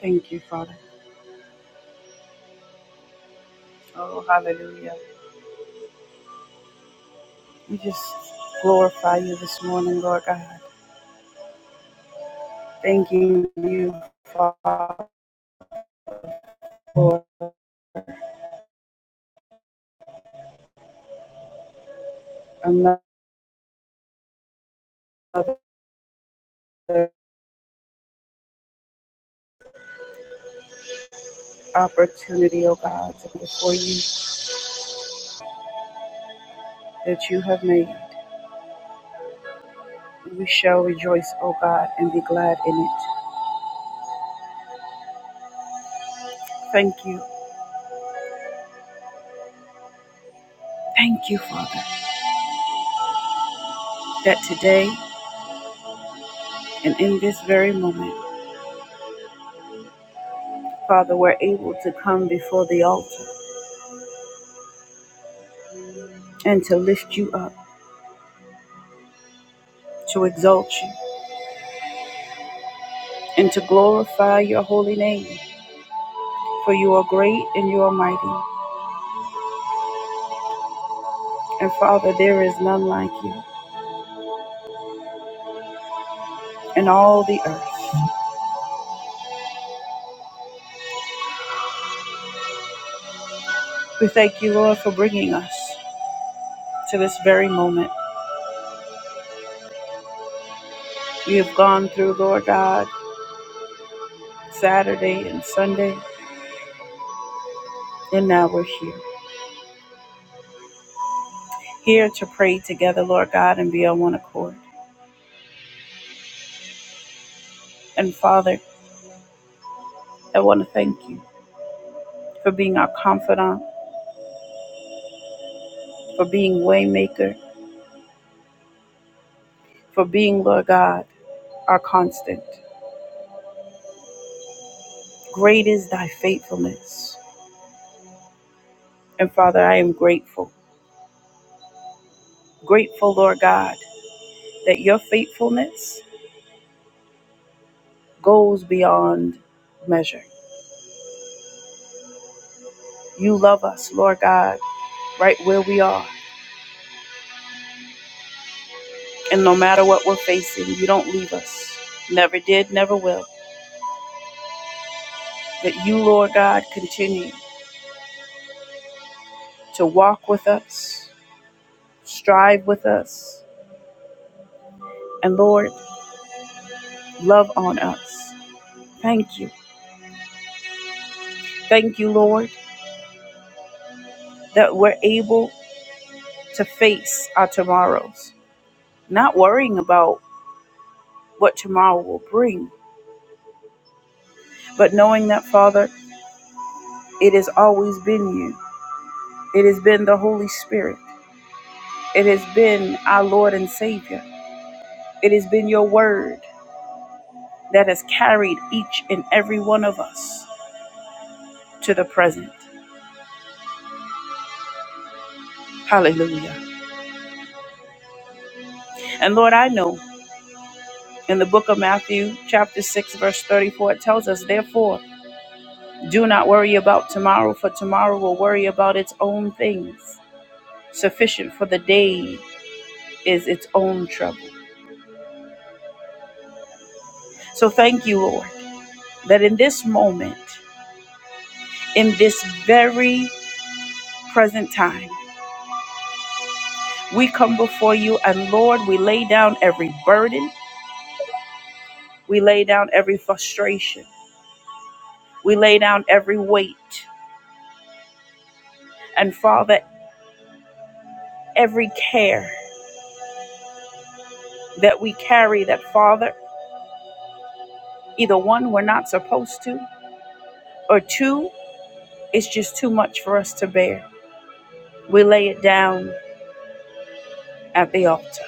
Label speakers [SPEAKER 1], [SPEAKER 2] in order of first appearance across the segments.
[SPEAKER 1] Thank you, Father. Oh, hallelujah. We just glorify you this morning, Lord God. Thanking you, Father, for another opportunity, oh God, to be before you that you have made. We shall rejoice, oh God, and be glad in it. Thank you. Thank you, Father, that today and in this very moment, Father, we're able to come before the altar and to lift you up, to exalt you, and to glorify your holy name. For you are great and you are mighty. And Father, there is none like you in all the earth. We thank you, Lord, for bringing us to this very moment. We have gone through, Lord God, Saturday and Sunday, and now we're here. Here to pray together, Lord God, and be on one accord. And Father, I want to thank you for being our confidant, for being waymaker, for being, Lord God, our constant. Great is thy faithfulness. And Father, I am grateful Grateful, Lord God, that your faithfulness goes beyond measure. You love us, Lord God, right where we are. And no matter what we're facing, you don't leave us. Never did, never will. That you, Lord God, continue to walk with us, strive with us, and Lord, love on us. Thank you. Thank you, Lord, that we're able to face our tomorrows, not worrying about what tomorrow will bring, But knowing that, Father, it has always been you. It has been the Holy Spirit. It has been our Lord and Savior. It has been your word that has carried each and every one of us to the present. Hallelujah. And Lord, I know in the book of Matthew, chapter 6, verse 34, it tells us, Therefore, do not worry about tomorrow, for tomorrow will worry about its own things. Sufficient for the day is its own trouble. So thank you, Lord that in this moment, in this very present time, we come before you and Lord, we lay down every burden, we lay down every frustration, we lay down every weight, and Father, every care that we carry that Father, either one, we're not supposed to, or two, it's just too much for us to bear. We lay it down at the altar.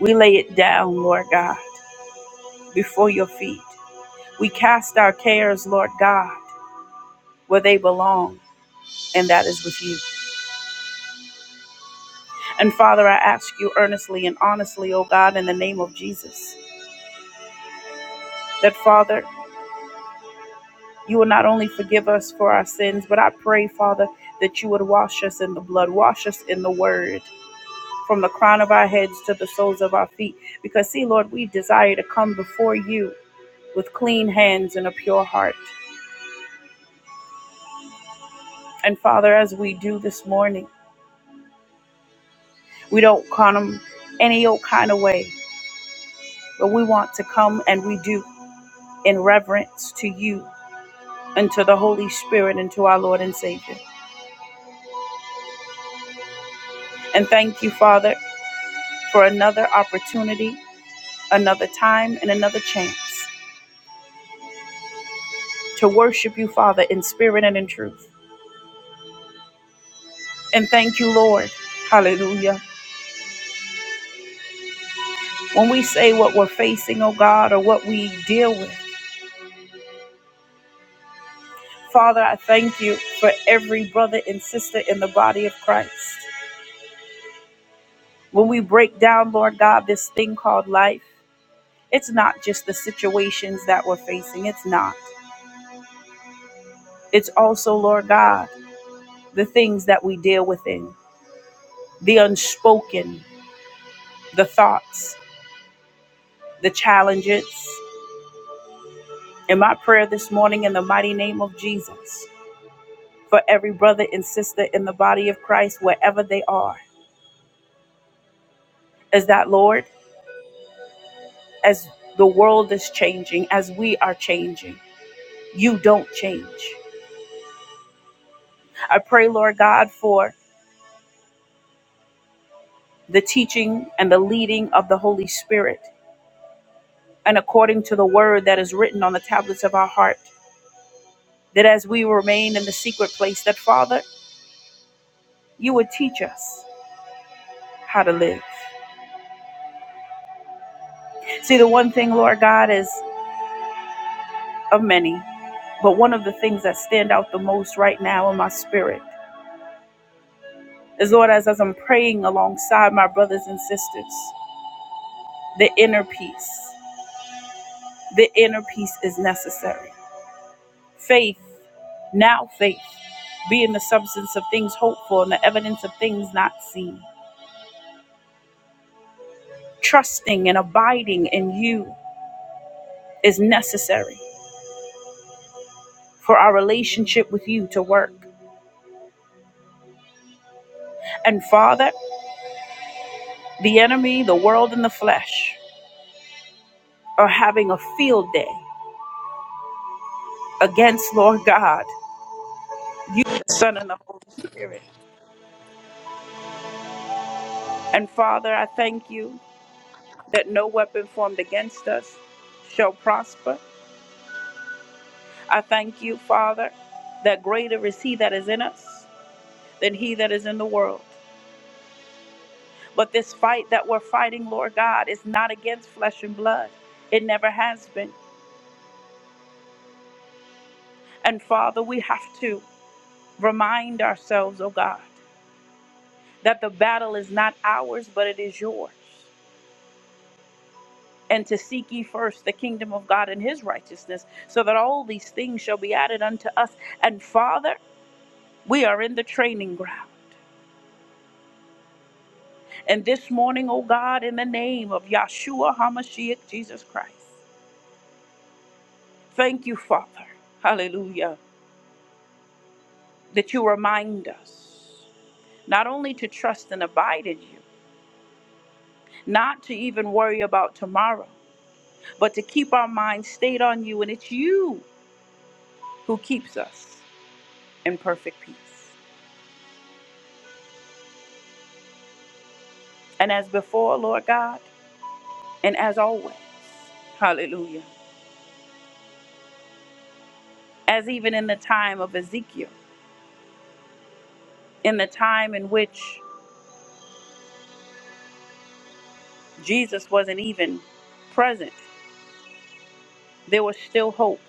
[SPEAKER 1] We lay it down, Lord God, before your feet. We cast our cares, Lord God where they belong, and that is with you. And Father, I ask you earnestly and honestly, O God, in the name of Jesus, that Father, you will not only forgive us for our sins, but I pray, Father, that you would wash us in the blood, wash us in the word. From the crown of our heads to the soles of our feet. Because, see, Lord, we desire to come before you with clean hands and a pure heart. And, Father, as we do this morning, we don't come any old kind of way, but we want to come and we do. in reverence to you and to the Holy Spirit and to our Lord and Savior. And thank you, Father, for another opportunity, another time, and another chance to worship you, Father, in spirit and in truth. And thank you, Lord. Hallelujah. When we say what we're facing, oh God, or what we deal with, Father, I thank you for every brother and sister in the body of Christ. When we break down, Lord God, this thing called life, it's not just the situations that we're facing. It's not. It's also, Lord God, the things that we deal within, the unspoken, the thoughts, the challenges. In my prayer this morning, in the mighty name of Jesus, for every brother and sister in the body of Christ, wherever they are, is that, Lord, as the world is changing, as we are changing, you don't change. I pray, Lord God, for the teaching and the leading of the Holy Spirit, and according to the word that is written on the tablets of our heart that as we remain in the secret place, that Father, you would teach us how to live. See, the one thing, Lord God, is of many, but one of the things that stand out the most right now in my spirit is, Lord, as, as I'm praying alongside my brothers and sisters, the inner peace. The inner peace is necessary. Faith, now faith, being the substance of things hoped for and the evidence of things not seen. Trusting and abiding in you is necessary. for our relationship with you to work. And Father, the enemy, the world, and the flesh are having a field day against Lord God, you, the Son, and the Holy Spirit. And Father, I thank you that no weapon formed against us shall prosper. I thank you, Father, that greater is He that is in us than He that is in the world. But this fight that we're fighting, Lord God, is not against flesh and blood. It never has been. And Father, we have to. Remind ourselves, oh God, that the battle is not ours, but it is yours. And to seek ye first the kingdom of God and his righteousness, so that all these things shall be added unto us. And Father, we are in the training ground. And this morning, oh God, in the name of Yahshua HaMashiach, Jesus Christ, thank you, Father, hallelujah, that you remind us not only to trust and abide in you, not to even worry about tomorrow but to keep our minds stayed on you. And it's you who keeps us in perfect peace. And as before, Lord God, and as always, hallelujah, as even in the time of Ezekiel, in the time in which Jesus wasn't even present, there was still hope.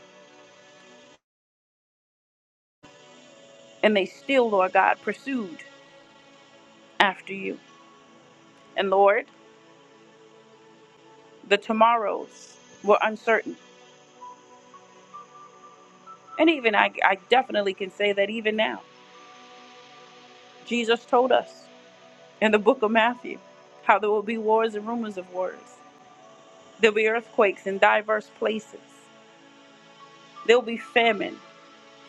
[SPEAKER 1] And they still, Lord God, pursued after you. And Lord, the tomorrows were uncertain. And even I, I definitely can say that even now, Jesus told us. in the book of Matthew how there will be wars and rumors of wars. There'll be earthquakes in diverse places. There'll be famine.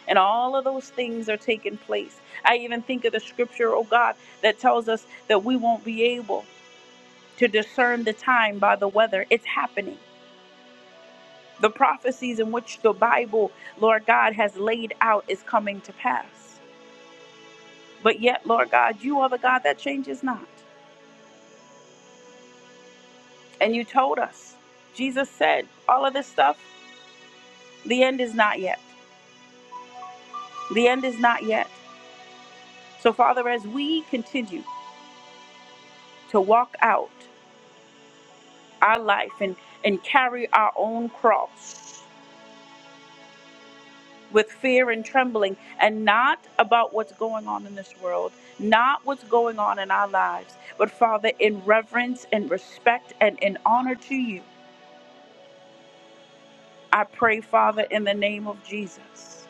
[SPEAKER 1] And all of those things are taking place. I even think of the scripture, oh God, that tells us that we won't be able to discern the time by the weather. It's happening. The prophecies in which the Bible, Lord God, has laid out is coming to pass. But yet, Lord God, you are the God that changes not. And you told us, Jesus said, all of this stuff The end is not yet. The end is not yet. So, Father, as we continue to walk out our life and, and carry our own cross with fear and trembling, and not about what's going on in this world, not what's going on in our lives, but Father, in reverence and respect and in honor to you, I pray, Father, in the name of Jesus,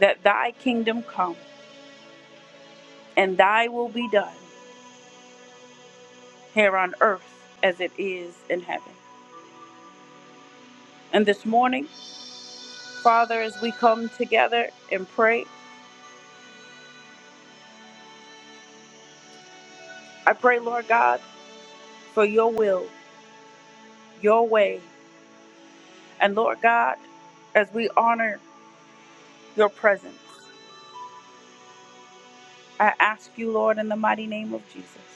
[SPEAKER 1] that thy kingdom come and thy will be done here on earth as it is in heaven. And this morning, Father, as we come together and pray, I pray, Lord God, for your will, your way. And Lord God, as we honor your presence, I ask you, Lord, in the mighty name of Jesus,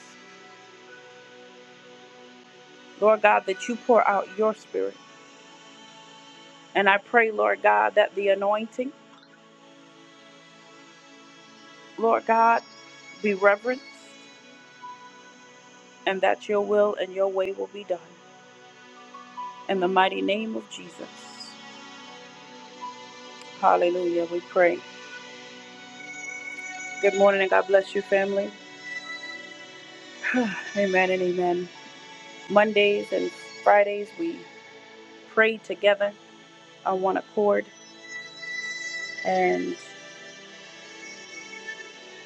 [SPEAKER 1] Lord God, that you pour out your spirit. And I pray, Lord God, that the anointing, Lord God, be reverenced and that your will and your way will be done. In the mighty name of Jesus. Hallelujah, we pray. Good morning and God bless you, family. amen and amen. Mondays and Fridays, we pray together on one accord. And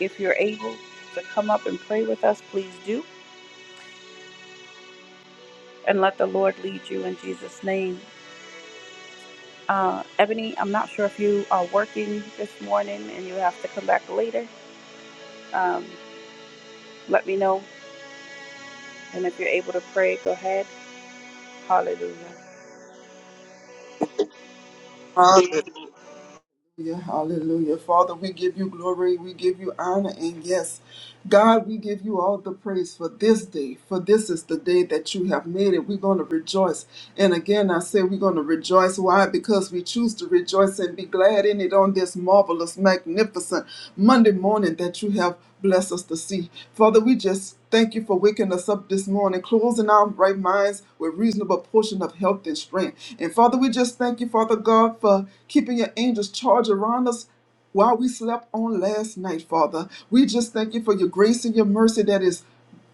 [SPEAKER 1] if you're able to come up and pray with us, please do. And let the Lord lead you in Jesus' name. Uh, Ebony, I'm not sure if you are working this morning and you have to come back later. Um, let me know. And if you're able to pray, go ahead. Hallelujah.
[SPEAKER 2] Hallelujah, hallelujah. Father, we give you glory, we give you honor, and yes, God, we give you all the praise for this day, for this is the day that you have made it. We're going to rejoice. And again, I say we're going to rejoice. Why? Because we choose to rejoice and be glad in it on this marvelous, magnificent Monday morning morning that you have blessed us to see. Father, we just thank you for waking us up this morning, closing our right minds with reasonable portion of health and strength. And Father, we just thank you, Father God, for keeping your angels charge around us while we slept on last night, Father. We just thank you for your grace and your mercy that is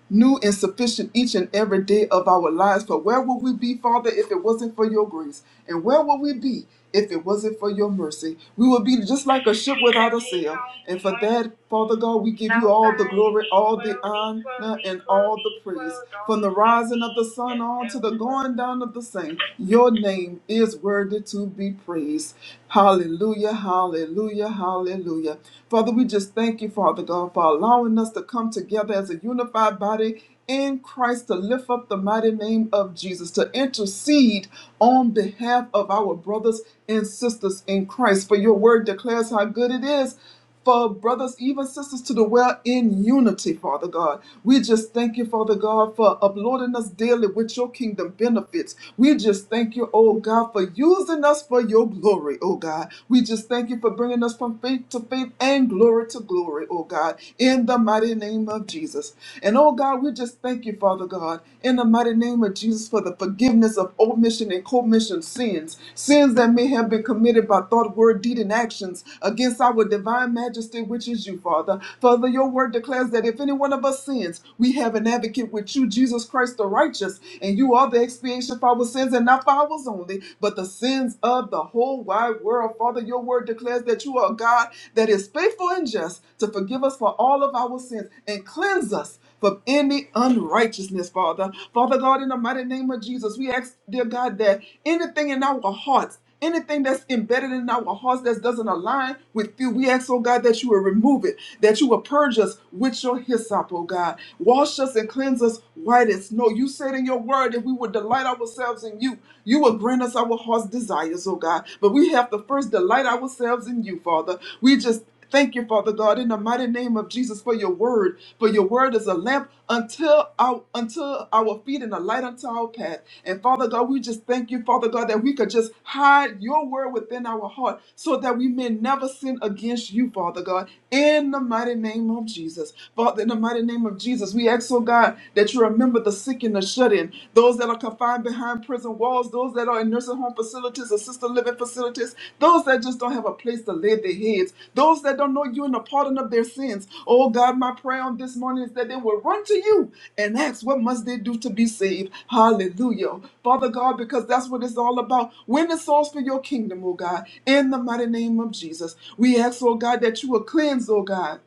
[SPEAKER 2] new and sufficient each and every day of our lives. For where would we be, Father, if it wasn't for your grace? And where would we be if it wasn't for your mercy? We would be just like a ship without a sail. And for that, Father God, we give you all the glory, all the honor, and all the praise. From the rising of the sun on to the going down of the same, your name is worthy to be praised. Hallelujah, hallelujah, hallelujah. Father, we just thank you, Father. Father God, for allowing us to come together as a unified body in Christ to lift up the mighty name of Jesus, to intercede on behalf of our brothers and sisters in Christ. For your word declares how good it is for brothers, even sisters, to dwell in unity, Father God. We just thank you, Father God, for uploading us daily with your kingdom benefits. We just thank you, oh God, for using us for your glory, oh God. We just thank you for you for bringing us from faith to faith and glory to glory, oh God, in the mighty name of Jesus. And oh God, we just thank you, Father God, in the mighty name of Jesus for the forgiveness of omission and commission sins, sins that may have been committed by thought, word, deed, and actions against our divine majesty, which is you, Father. Father, your word declares that if any one of us sins, we have an advocate with you, Jesus Christ the righteous, and you are the expiation for our sins and not for ours only, but the the sins of the whole wide world. Father, your word declares that you are a God that is faithful and just to forgive us for all of our sins and cleanse us from any unrighteousness, Father. Father God, in the mighty name of Jesus, we ask, dear God, that anything in our hearts Anything that's embedded in our hearts that doesn't align with you, we ask, oh God, that you will remove it, that you will purge us with your hyssop, oh God. Wash us and cleanse us white as snow. You said in your word that we would delight ourselves in you. You will grant us our heart's desires, oh God. But we have to first delight ourselves in you, Father. We just Thank you, Father God, in the mighty name of Jesus for your word. For your word is a lamp until our until our feet and a light unto our path. And Father God, we just thank you, Father God, that we could just hide your word within our heart so that we may never sin against you, Father God, in the mighty name of Jesus. Father, in the mighty name of Jesus, we ask, oh God, that you remember the sick and the shut in, those that are confined behind behind prison walls, those that are in nursing home facilities, assisted living facilities, those that just don't have a place to lay their heads, those that don't know you and the pardon of their sins. Oh God, my prayer on this morning is that they will run to you and ask, What must they do to be saved? Hallelujah. Father God, because that's what it's all about. Win the souls for your kingdom, oh God, in the mighty name of Jesus. We ask, oh God, that you will cleanse, oh God.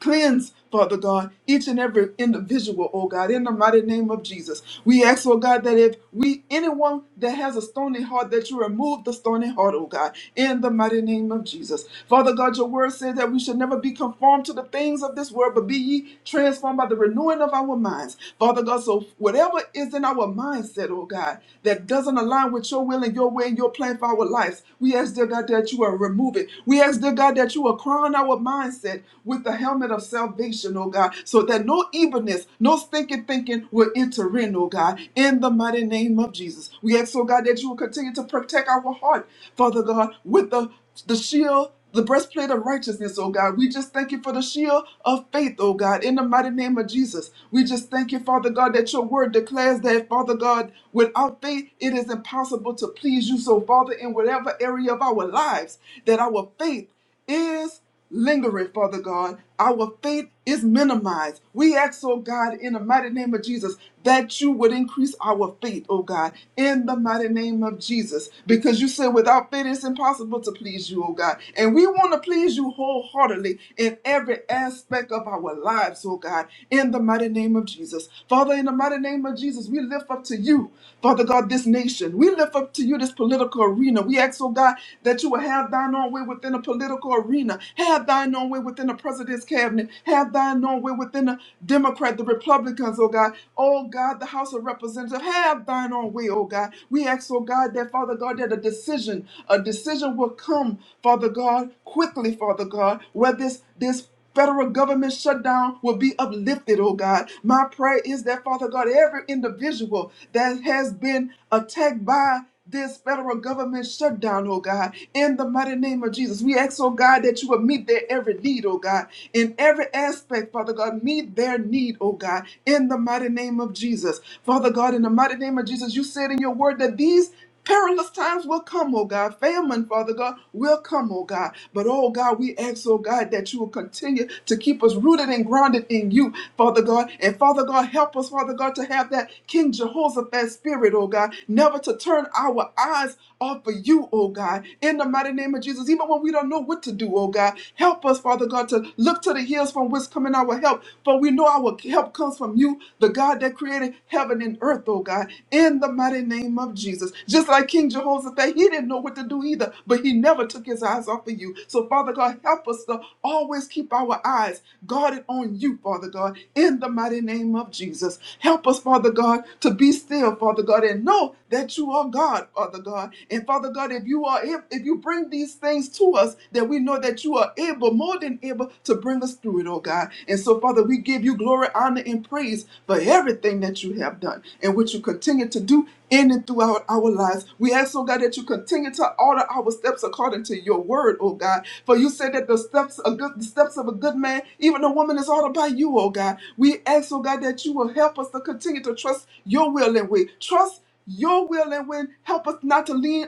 [SPEAKER 2] Cleanse, Father God, each and every individual, oh God, in the mighty name of Jesus. We ask, oh God, that if we, anyone that has a stony heart, that you remove the stony heart, oh God, in the mighty name of Jesus. Father God, your word says that we should never be conformed to the things of this world, but be ye transformed by the renewing of our minds. Father God, so whatever is in our mindset, oh God, that doesn't align with your will and your way and your plan for our lives, we ask, dear God, that you will remove it. We ask, dear God, that you will crown our mindset helmet, with the helmet of salvation, oh God, so that no evilness, no stinking thinking will enter in, oh God, in the mighty name of Jesus. We ask, oh God, that you will continue to protect our heart, Father God, with the, the shield. The breastplate of righteousness, oh God. We just thank you for the shield of faith, oh God, in the mighty name of Jesus. We just thank you, Father God, that your word declares that, Father God, without faith, it is impossible to please you. So, Father, in whatever area of our lives, that our faith is lingering, Father God. Our faith is minimized. We ask, oh God, in the mighty name of Jesus, that you would increase our faith, oh God, in the mighty name of Jesus. Because you said without faith it's impossible to please you, oh God. And we want to please you wholeheartedly in every aspect of our lives, oh God, in the mighty name of Jesus. Father, in the mighty name of Jesus, we lift up to you, Father God, this nation. We lift up to you this political arena. We ask, oh God, that you will have thine own way with within the political arena. Have thine own way within the president's cabinet. Have thine own way within the Democrat, the Republicans, oh God. Oh God, the House of Representatives. Have thine own way, oh God. We ask, oh God, that Father God, that a decision, a decision will come, Father God, quickly, Father God, where this this federal government shutdown will be uplifted, oh God. My prayer is that, Father God, every individual that has been attacked by this federal government shutdown, oh God, in the mighty name of Jesus, we ask, oh God, that you will meet their every need, oh God, in every aspect, Father God, meet their need, oh God, in the mighty name of Jesus. Father God, in the mighty name of Jesus, you said in your word that these Perilous times will come, oh God. Famine, Father God, will come, oh God. But, oh God, we ask, oh God, that you will continue to keep us rooted and grounded in you, Father God. And, Father God, help us, Father God, to have that King Jehoshaphat spirit, oh God. Never to turn our eyes off of you, oh God. In the mighty name of Jesus, even when we don't know what to do, oh God, help us, Father God, to look to the hills from which coming our help. For we know our help comes from you you, the God that created heaven and earth, oh God, in the mighty name of Jesus. Just like King Jehoshaphat, he didn't know what to do either, but he never took his eyes off of you. So, Father God, help us to always keep our eyes guarded on you, Father God, in the mighty name of Jesus. Help us, Father God, to be still, Father God, and know that you are God, Father God. And Father God, if you are if, if you bring these things to us, that we know that you are able, more than able to bring us through it, oh God. And so, Father, we give you glory, honor, and praise for everything that you have done and what you continue to do in and throughout our lives. We ask, oh God, that you continue to order our steps according to your word, oh God. For you said that the steps of good the steps of a good man, even a woman, is ordered by you, oh God. We ask, oh God, that you will help us to continue to trust your will and way. Trust your will and way. Help us not to lean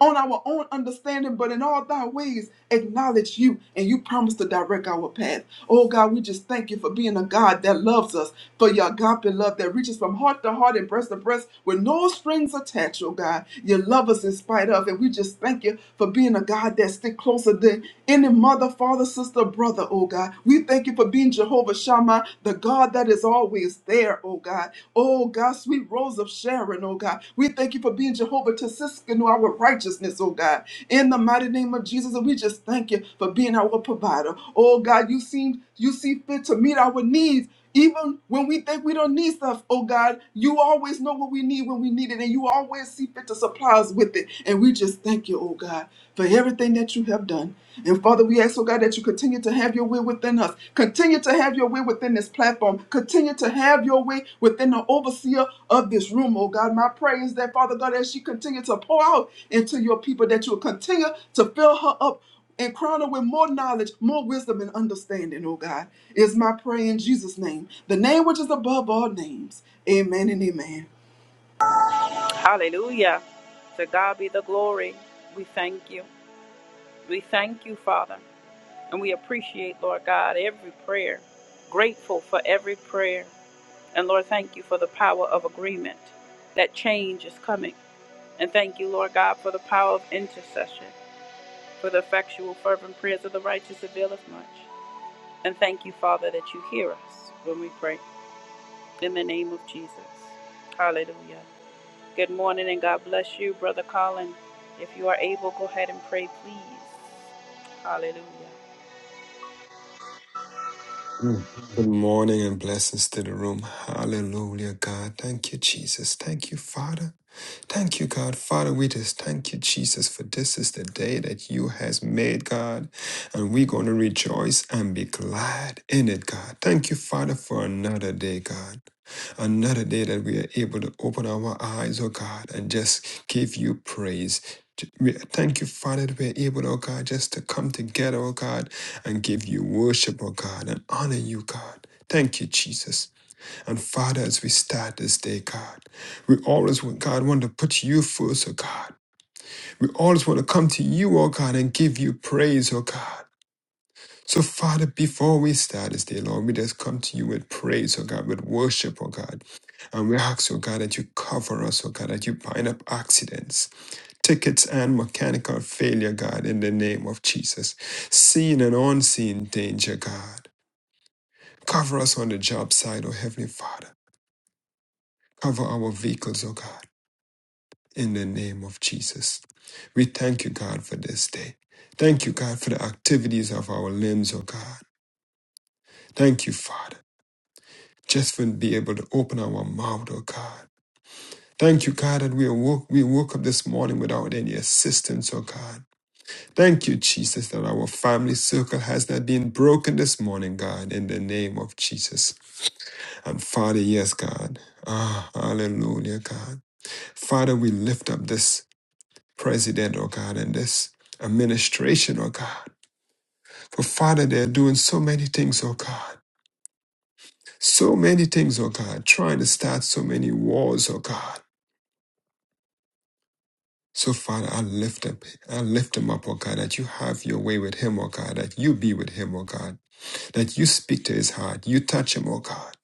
[SPEAKER 2] on our own understanding, but in all thy ways acknowledge you, and you promise to direct our path. Oh God, we just thank you for being a God that loves us, for your agape love that reaches from heart to heart and breast to breast with no strings attached, oh God. You love us in spite of, and we just thank you for being a God that stick closer than any mother, father, sister, brother, oh God. We thank you for being Jehovah Shammah, the God that is always always there, oh God. Oh God, sweet rose of Sharon, oh God. We thank you for being Jehovah Tesiskanu, our righteousness, oh God. In the mighty name of Jesus, and we just thank you for being our provider. Oh God, you seem you see fit to meet our needs. Even when we think we don't need stuff, oh God, you always know what we need when we need it, and you always see fit to supply us with it. And we just thank you, oh God, for everything that you have have done. And Father, we ask, oh God, that you continue to have your way within us. Continue to have your way within this platform. Continue to have your way within the overseer of this room, oh God. My prayer is that, Father God, as she continues to pour out into your people, that you'll continue to fill her up and crown her with more knowledge, more wisdom, and understanding, oh God. Is my prayer in Jesus' name, the name which is above all names. Amen and amen.
[SPEAKER 1] Hallelujah. To God be the glory. We thank you. We thank you, Father. And we appreciate, Lord God, every prayer, grateful for every prayer. And Lord, thank you for the power of agreement. That change is coming. And thank you, Lord God, for the power of intercession, for the effectual, fervent prayers of the righteous availeth much. And thank you, Father, that you hear us when we pray. In the name of Jesus. Hallelujah. Good morning and God bless you, Brother Colin. If you are able, go ahead and pray, please. Hallelujah.
[SPEAKER 3] Mm. Good morning and blessings to the room. Hallelujah, God. Thank you, Jesus. Thank you, Father. Thank you, God. Father, we just thank you, Jesus, for this is the day that you has made, God. And we're going to rejoice and be glad in it, God. Thank you, Father, for another day, God. Another day that we are able to open our eyes, oh God, and just give you praise. J- we- Thank you, Father, that we're able, oh God, just to come together, oh God, and give you worship, oh God, and honor you, God. Thank you, Jesus. And Father, as we start this day, God, we always, want- God, want to put you first, oh God. We always want to come to you, oh God, and give you praise, oh God. So, Father, before we start this day, Lord, we just come to you with praise, oh God, with worship, oh God. And we ask, oh God, that you cover us, oh God, that you bind up accidents, tickets, and mechanical failure, God, in the name of Jesus. Seen and unseen danger, God. Cover us on the job site, oh Heavenly Father. Cover our vehicles, oh God. in the name of Jesus. We thank you, God, for this day. Thank you, God, for the activities of our limbs, oh God. Thank you, Father, just for being able to open our mouth, oh God. Thank you, God, that we woke, we woke up this morning without any assistance, oh God. Thank you, Jesus, that our family circle has not been broken this morning, God, in the name of Jesus. And Father, yes, God. Ah, hallelujah, God. Father, we lift up this president, oh God, and this administration, oh God. For Father, they're doing so many things, oh God. So many things, oh God, trying to start so many wars, oh God. So Father, I lift up, I lift him up, oh God, that you have your way with him, oh God, that you be with him, oh God, that you speak to his heart, you touch him, oh God,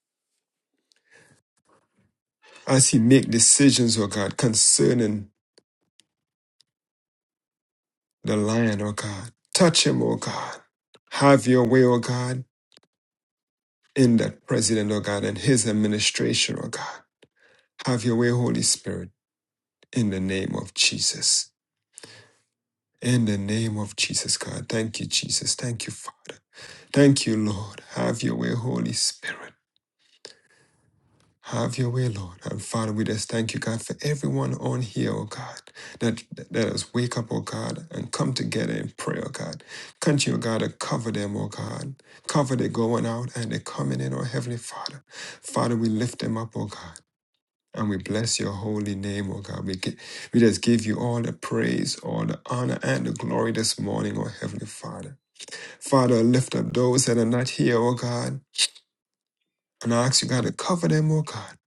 [SPEAKER 3] as he make decisions, oh God, concerning the lion, oh God. Touch him, oh God. Have your way, oh God, in that president, oh God, and his administration, oh God. Have your way, Holy Spirit, in the name of Jesus. In the name of Jesus, God. Thank you, Jesus. Thank you, Father. Thank you, Lord. Have your way, Holy Spirit. Have your way, Lord. And Father, we just thank you, God, for everyone on here, oh God, that let us wake up, oh God, and come together in prayer, oh God. Continue, oh God, to cover them, oh God. Cover their going out and their coming in, oh Heavenly Father. Father, we lift them up, oh God. And we bless your holy name, oh God. We, gi- we just give you all the praise, all the honor, and the glory this morning, oh Heavenly Father. Father, lift up those that are not here, oh God. And I ask you, God, to cover them, oh God.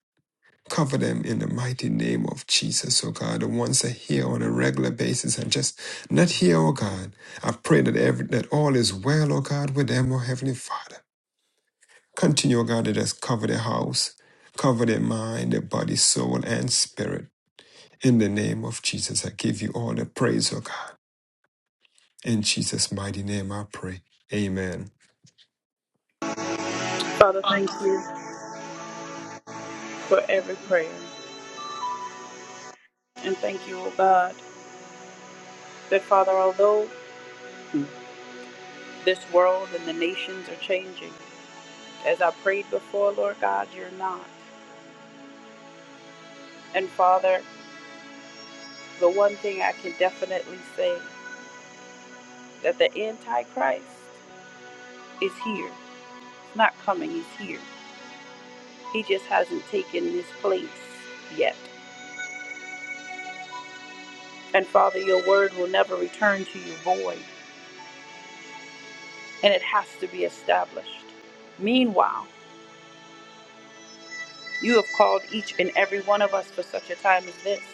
[SPEAKER 3] Cover them in the mighty name of Jesus, oh God. The ones that are here on a regular basis and just not here, oh God. I pray that every that all is well, oh God, with them, oh Heavenly Father. Continue, oh God, to just cover their house, cover their mind, their body, soul, and spirit. In the name of Jesus, I give you all the praise, O God. In Jesus' mighty name, I pray. Amen.
[SPEAKER 1] Father, thank you for every prayer. And thank you, O God, that Father, although this world and the nations are changing, as I prayed before, Lord God, you're not. And Father, the one thing I can definitely say that the Antichrist is here. It's not coming, he's here. He just hasn't taken his place yet. And Father, your word will never return to you void, and it has to be established. Meanwhile, you have called each and every one of us for such a time as this.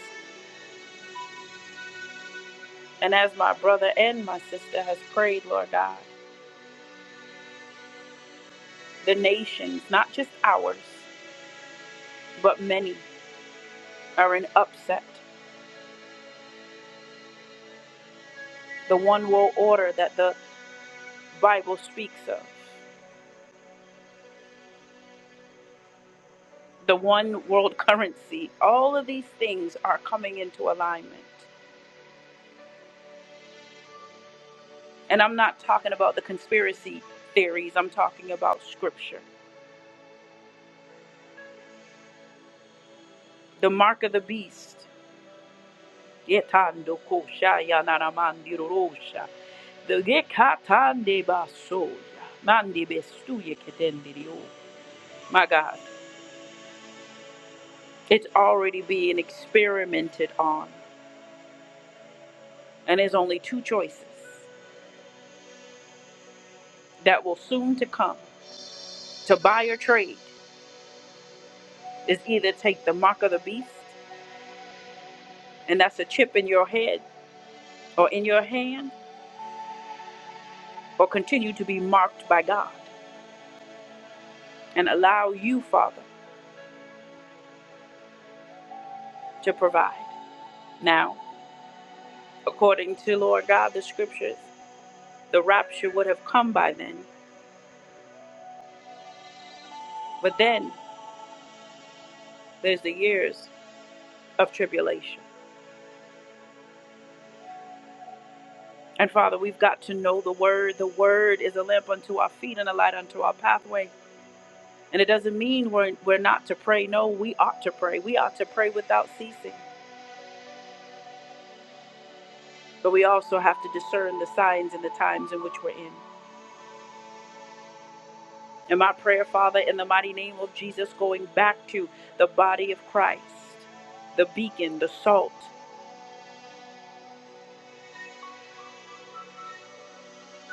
[SPEAKER 1] And as my brother and my sister has prayed, Lord God, the nations, not just ours, but many are in upset. The one world order that the Bible speaks of, the one world currency, all of these things are coming into alignment. And I'm not talking about the conspiracy theories, I'm talking about scripture. The mark of the beast. Getando kosha yanana mandiro rosha. The gekatande basoya. Mandi bestuye ketendirio. My God, it's already being experimented on. And there's only two choices that will soon to come. To buy or trade is either take the mark of the beast, and that's a chip in your head or in your hand, or continue to be marked by God and allow you, Father, to provide. Now, According to Lord God, the scriptures, the rapture would have come by then. But then there's the years of tribulation. And Father, we've got to know the word. The word is a lamp unto our feet and a light unto our pathway. And it doesn't mean we're, we're not to pray. No, we ought to pray. We ought to pray without ceasing. But we also have to discern the signs and the times in which we're in. And my prayer, Father, in the mighty name of Jesus, going back to the body of Christ, the beacon, the salt,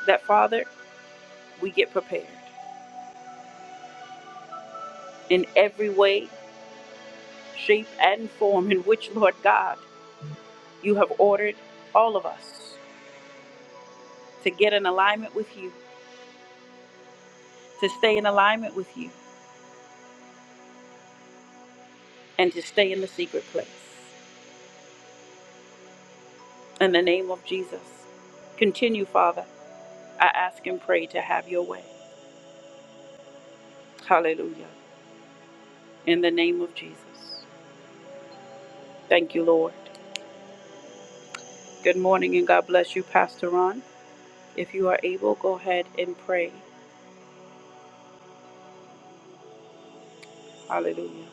[SPEAKER 1] that Father, we get prepared in every way, shape, and form in which, Lord God, you have ordered all of us to get in alignment with you, to stay in alignment with you, and to stay in the secret place. In the name of Jesus, continue, Father. I ask and pray to have your way. Hallelujah. In the name of Jesus. Thank you, Lord. Good morning and God bless you, Pastor Ron. If you are able, go ahead and pray. Hallelujah.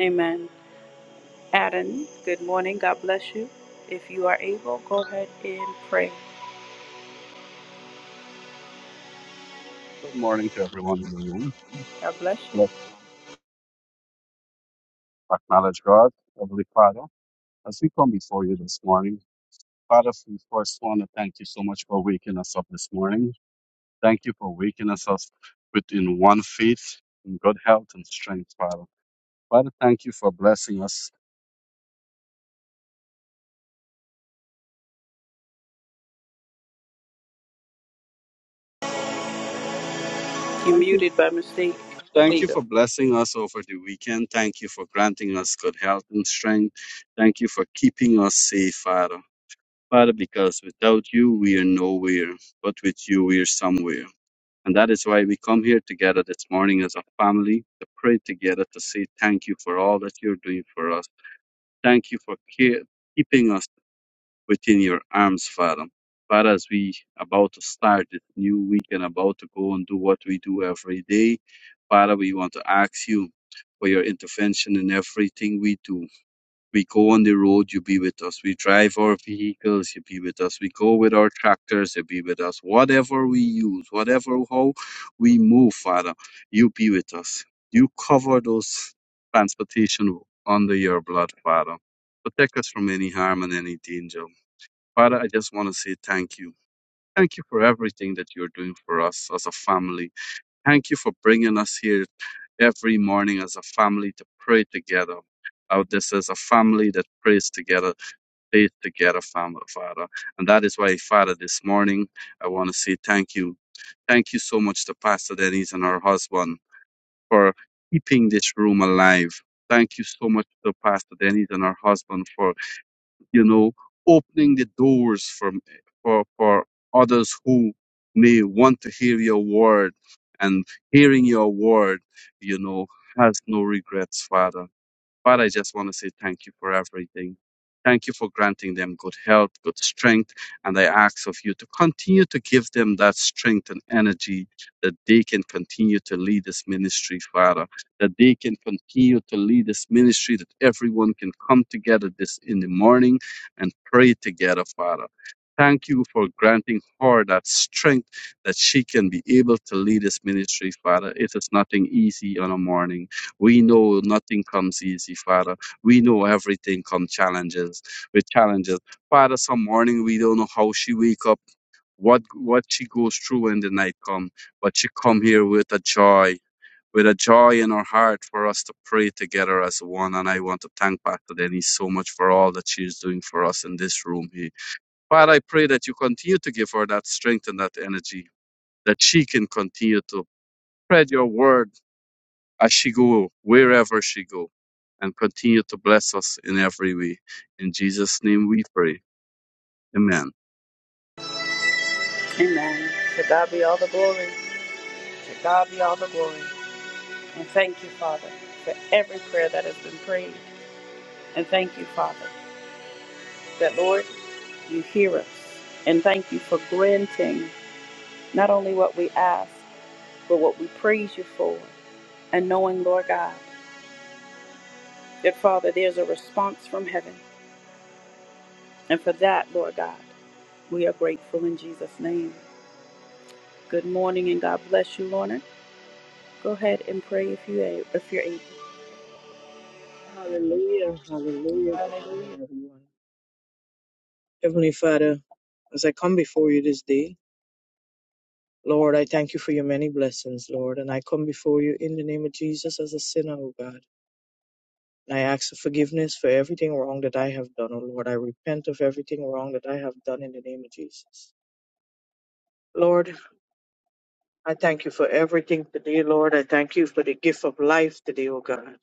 [SPEAKER 1] Amen. Adam, good morning. God bless you. If you are able, go ahead and pray.
[SPEAKER 4] Good morning to everyone in the room.
[SPEAKER 1] God bless you.
[SPEAKER 4] Let's acknowledge God, Heavenly Father, as we come before you this morning. Father, we first want to thank you so much for waking us up this morning. Thank you for waking us up within one faith, in good health and strength, Father. Father, thank you for blessing us.
[SPEAKER 1] You
[SPEAKER 4] Thank you.
[SPEAKER 1] muted by mistake. There
[SPEAKER 4] Thank
[SPEAKER 1] you
[SPEAKER 4] you
[SPEAKER 1] go.
[SPEAKER 4] for blessing us over the weekend. Thank you for granting us good health and strength. Thank you for keeping us safe, Father. Father, because without you, we are nowhere, but with you, we are somewhere. And that is why we come here together this morning as a family to pray together to say thank you for all that you're doing for us. Thank you for care, keeping us within your arms, Father. Father, as we about to start this new week and about to go and do what we do every day, Father, we want to ask you for your intervention in everything we do. We go on the road, you be with us. We drive our vehicles, you be with us. We go with our tractors, you be with us. Whatever we use, whatever how we move, Father, you be with us. You cover those transportation under your blood, Father. Protect us from any harm and any danger. Father, I just want to say thank you. Thank you for everything that you're doing for us as a family Thank you for bringing us here every morning as a family to pray together. Oh, this is a family that prays together, faith together, family, Father. And that is why, Father, this morning I want to say thank you. Thank you so much to Pastor Denise and her husband for keeping this room alive. Thank you so much to Pastor Denise and her husband for you know, opening the doors for, for, for others who may want to hear your word and hearing your word, you know, has no regrets, Father. Father, I just want to say thank you for everything. Thank you for granting them good health, good strength. And I ask of you to continue to give them that strength and energy that they can continue to lead this ministry, Father, that they can continue to lead this ministry, that everyone can come together this in the morning and pray together, Father. Thank you for granting her that strength that she can be able to lead this ministry, Father. It is nothing easy on a morning. We know nothing comes easy, Father. We know everything comes challenges with challenges. Father, some morning we don't know how she wake up, what what she goes through when the night come, but she come here with a joy, with a joy in her heart for us to pray together as one. And I want to thank Pastor Denise so much for all that she is doing for us in this room here. Father, I pray that you continue to give her that strength and that energy, that she can continue to spread your word as she go, wherever she go, and continue to bless us in every way. In Jesus' name we pray. Amen.
[SPEAKER 1] Amen. To God be all the glory. To God be all the glory. And thank you, Father, for every prayer that has been prayed. And thank you, Father, that Lord, you hear us. And thank you for granting not only what we ask, but what we praise you for. And knowing, Lord God, that Father, there's a response from heaven. And for that, Lord God, we are grateful in Jesus' name. Good morning and God bless you, Lorna. Go ahead and pray if you a- if you're able.
[SPEAKER 5] Hallelujah, hallelujah. Good
[SPEAKER 1] Hallelujah.
[SPEAKER 5] morning, everyone. Heavenly Father, as I come before you this day, Lord, I thank you for your many blessings, Lord, and I come before you in the name of Jesus as a sinner, O God. And I ask for forgiveness for everything wrong that I have done, O Lord. I repent of everything wrong that I have done in the name of Jesus. Lord, I thank you for everything today, Lord. I thank you for the gift of life today, O God,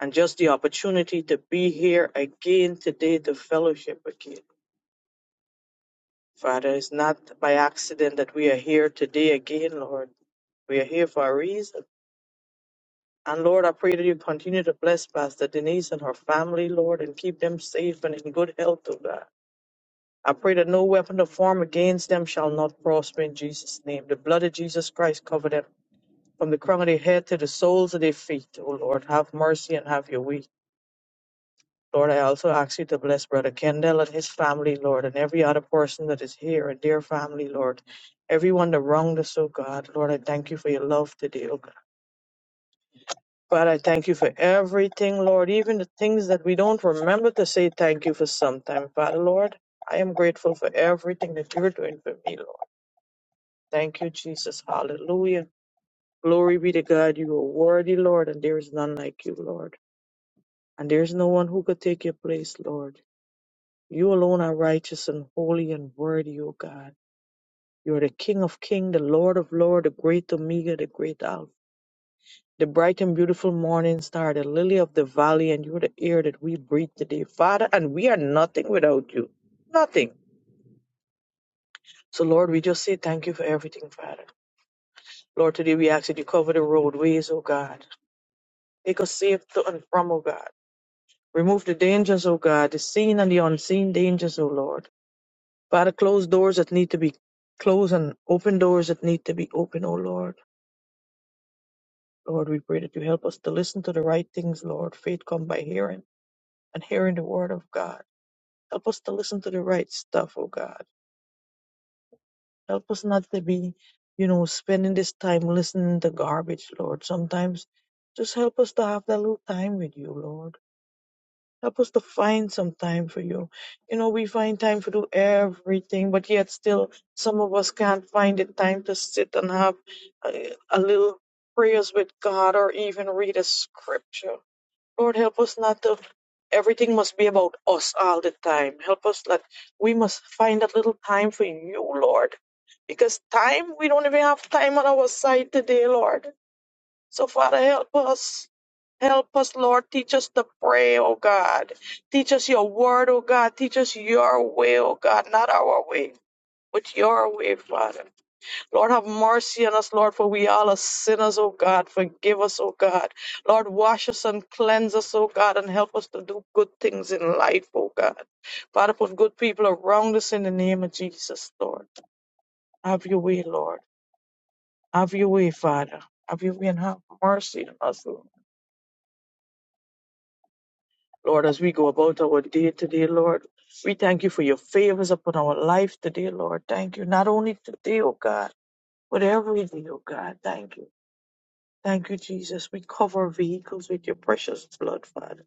[SPEAKER 5] and just the opportunity to be here again today to fellowship again. Father, it's not by accident that we are here today again, Lord. We are here for a reason. And Lord, I pray that you continue to bless Pastor Denise and her family, Lord, and keep them safe and in good health, oh God. I pray that no weapon of form against them shall not prosper in Jesus' name. The blood of Jesus Christ cover them from the crown of their head to the soles of their feet, O Lord. Have mercy and have your way. Lord, I also ask you to bless Brother Kendall and his family, Lord, and every other person that is here and their family, Lord. Everyone that wronged us, oh God, Lord, I thank you for your love today, oh God. Father, I thank you for everything, Lord, even the things that we don't remember to say thank you for sometime. Father, Lord, I am grateful for everything that you're doing for me, Lord. Thank you, Jesus. Hallelujah. Glory be to God. You are worthy, Lord, and there is none like you, Lord. And there is no one who could take your place, Lord. You alone are righteous and holy and worthy, O God. You are the King of kings, the Lord of lords, the great Omega, the great Alpha, the bright and beautiful morning star, the lily of the valley, and you are the air that we breathe today, Father. And we are nothing without you. Nothing. So, Lord, we just say thank you for everything, Father. Lord, today we ask that you cover the roadways, O God. Take us safe to and from, O God. Remove the dangers, O God, the seen and the unseen dangers, O Lord. Father, close doors that need to be closed and open doors that need to be open, O Lord. Lord, we pray that you help us to listen to the right things, Lord. Faith come by hearing and hearing the word of God. Help us to listen to the right stuff, O God. Help us not to be, you know, spending this time listening to garbage, Lord. Sometimes just help us to have that little time with you, Lord. Help us to find some time for you. You know, we find time to do everything, but yet still, some of us can't find the time to sit and have a, a little prayers with God or even read a scripture. Lord, help us not to. Everything must be about us all the time. Help us that we must find that little time for you, Lord. Because time, we don't even have time on our side today, Lord. So, Father, help us. Help us, Lord. Teach us to pray, oh God. Teach us your word, oh God. Teach us your way, oh God, not our way, but your way, Father. Lord, have mercy on us, Lord, for we all are sinners, oh God. Forgive us, oh God. Lord, wash us and cleanse us, oh God, and help us to do good things in life, oh God. Father, put good people around us in the name of Jesus, Lord. Have your way, Lord. Have your way, Father. Have your way and have mercy on us, Lord. Lord, as we go about our day today, Lord, we thank you for your favors upon our life today, Lord. Thank you. Not only today, oh God, but every day, oh God. Thank you. Thank you, Jesus. We cover vehicles with your precious blood, Father.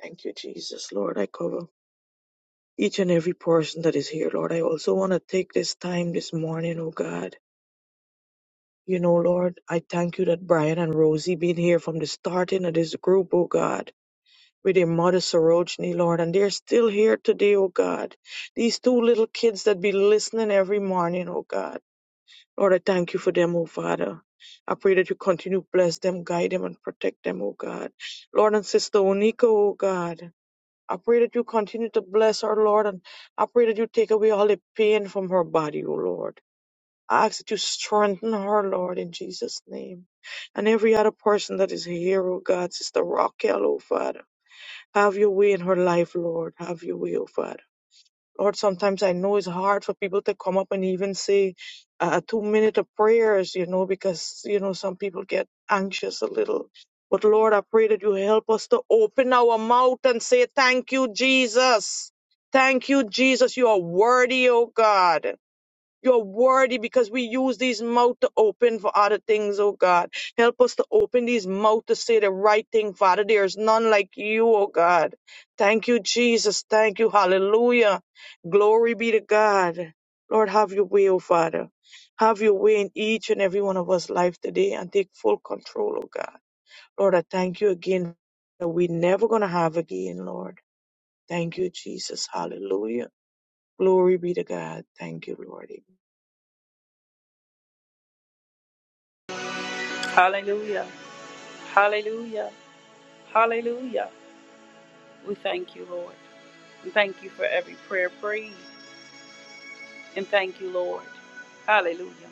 [SPEAKER 5] Thank you, Jesus, Lord. I cover each and every person that is here, Lord. I also want to take this time this morning, oh God. You know, Lord, I thank you that Brian and Rosie been here from the starting of this group, oh God. with their mother Sorority, Lord, and they're still here today, oh God. These two little kids that be listening every morning, oh God. Lord, I thank you for them, oh Father. I pray that you continue to bless them, guide them, and protect them, oh God. Lord and Sister Onika, oh God. I pray that you continue to bless her, Lord, and I pray that you take away all the pain from her body, oh Lord. I ask that you strengthen her, Lord, in Jesus' name. And every other person that is here, oh God, Sister Raquel, oh Father. Have your way in her life, Lord. Have your way, oh Father. Lord, sometimes I know it's hard for people to come up and even say uh, a two minute of prayers, you know, because, you know, some people get anxious a little. But Lord, I pray that you help us to open our mouth and say, Thank you, Jesus. Thank you, Jesus. You are worthy, oh God. You're worthy because we use these mouth to open for other things, oh God. Help us to open these mouth to say the right thing, Father. There is none like you, oh God. Thank you, Jesus. Thank you. Hallelujah. Glory be to God. Lord, have your way, oh Father. Have your way in each and every one of us' life today and take full control, oh God. Lord, I thank you again that we're never going to have again, Lord. Thank you, Jesus. Hallelujah. Glory be to God. Thank you, Lord.
[SPEAKER 1] Hallelujah. Hallelujah. Hallelujah. We thank you, Lord. We thank you for every prayer prayed. And thank you, Lord. Hallelujah.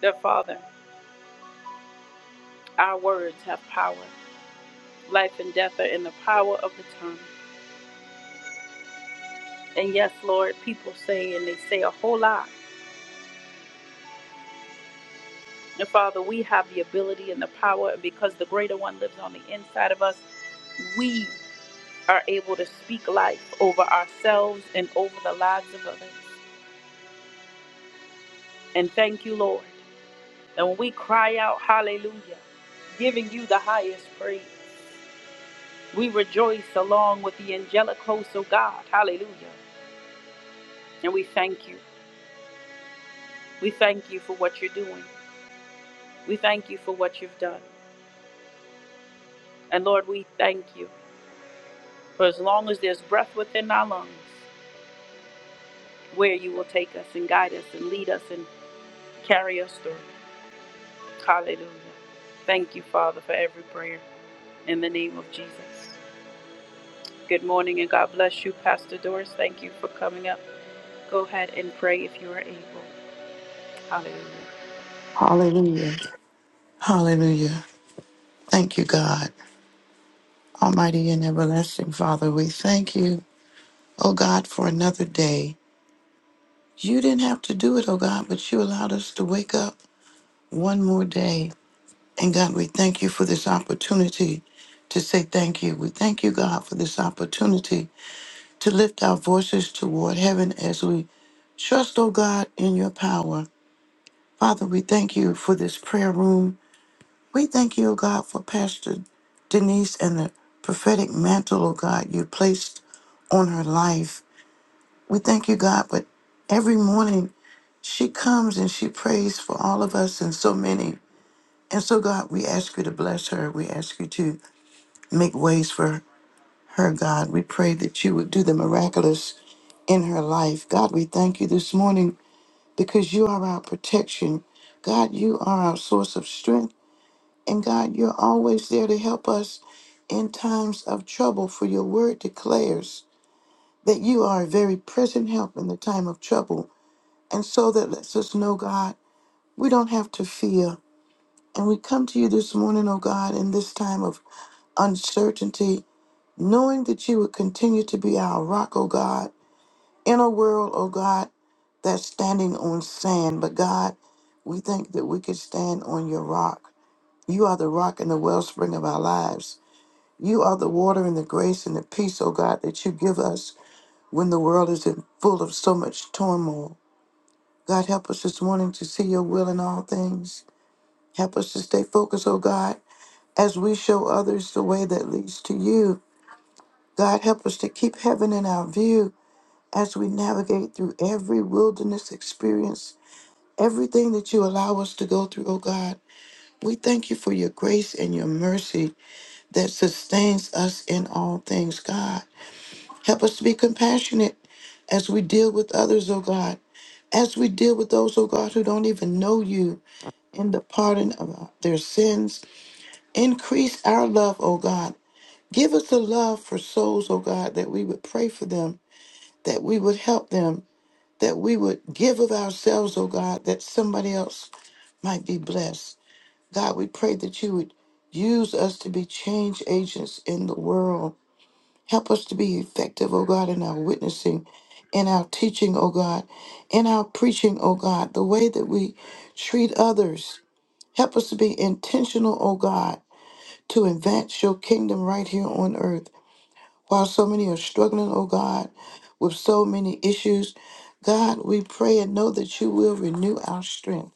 [SPEAKER 1] Dear Father, our words have power. Life and death are in the power of the tongue. And yes, Lord, people say and they say a whole lot. And Father, we have the ability and the power, and because the greater one lives on the inside of us, we are able to speak life over ourselves and over the lives of others. And thank you, Lord. And when we cry out, Hallelujah, giving you the highest praise, we rejoice along with the angelic hosts of God. Hallelujah. And we thank you. We thank you for what you're doing. We thank you for what you've done. And Lord, we thank you for as long as there's breath within our lungs. where you will take us and guide us and lead us and carry us through. Hallelujah. Thank you, Father, for every prayer in the name of Jesus. Good morning and God bless you, Pastor Doris. Thank you for coming up. Go ahead and pray if you are able. Hallelujah.
[SPEAKER 6] Hallelujah. Hallelujah. Thank you, God. Almighty and everlasting Father, we thank you, oh God, for another day. You didn't have to do it, oh God, but you allowed us to wake up one more day. And God, we thank you for this opportunity to say thank you. We thank you, God, for this opportunity to lift our voices toward heaven as we trust, oh God, in your power. Father, we thank you for this prayer room. We thank you, O God, for Pastor Denise and the prophetic mantle, O God, you placed on her life. We thank you, God, but every morning she comes and she prays for all of us and so many. And so, God, we ask you to bless her. We ask you to make ways for her, God. We pray that you would do the miraculous in her life. God, we thank you this morning because you are our protection. God, you are our source of strength. And God, you're always there to help us in times of trouble, for your word declares that you are a very present help in the time of trouble. And so that lets us know, God, we don't have to fear. And we come to you this morning, oh God, in this time of uncertainty, knowing that you would continue to be our rock, oh God, in a world, oh God, that's standing on sand. But God, we think that we could stand on your rock. You are the rock and the wellspring of our lives. You are the water and the grace and the peace, oh God, that you give us when the world is in full of so much turmoil. God, help us this morning to see your will in all things. Help us to stay focused, oh God, as we show others the way that leads to you. God, help us to keep heaven in our view as we navigate through every wilderness experience, everything that you allow us to go through, oh God. We thank you for your grace and your mercy that sustains us in all things, God. Help us to be compassionate as we deal with others, oh God. As we deal with those, oh God, who don't even know you in the pardon of their sins, increase our love, oh God. Give us a love for souls, oh God, that we would pray for them, that we would help them, that we would give of ourselves, oh God, that somebody else might be blessed. God, we pray that you would use us to be change agents in the world. Help us to be effective, O God, in our witnessing, in our teaching, O God, in our preaching, O God, the way that we treat others. Help us to be intentional, O God, to advance your kingdom right here on earth. While so many are struggling, O God, with so many issues, God, we pray and know that you will renew our strength.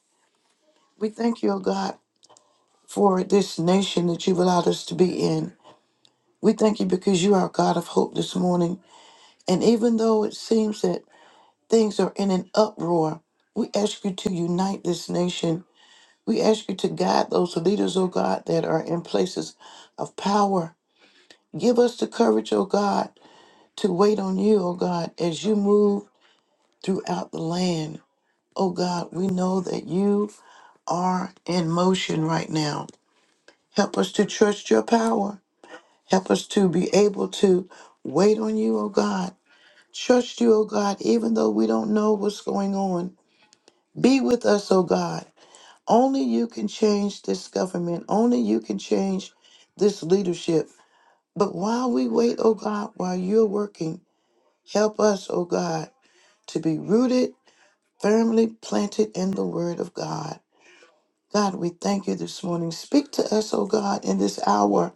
[SPEAKER 6] We thank you, O God, for this nation that you've allowed us to be in. We thank you because you are a God of hope this morning. And even though it seems that Things are in an uproar. We ask you to unite this nation. We ask you to guide those leaders, O God, that are in places of power. Give us the courage, O God, to wait on you, O God, as you move throughout the land. O God, we know that you are in motion right now. Help us to trust your power. Help us to be able to wait on you, O God. Trust you, O God, even though we don't know what's going on. Be with us, O God. Only you can change this government. Only you can change this leadership. But while we wait, oh God, while you're working, help us, oh God, to be rooted, firmly planted in the word of God. God, we thank you this morning. Speak to us, oh God, in this hour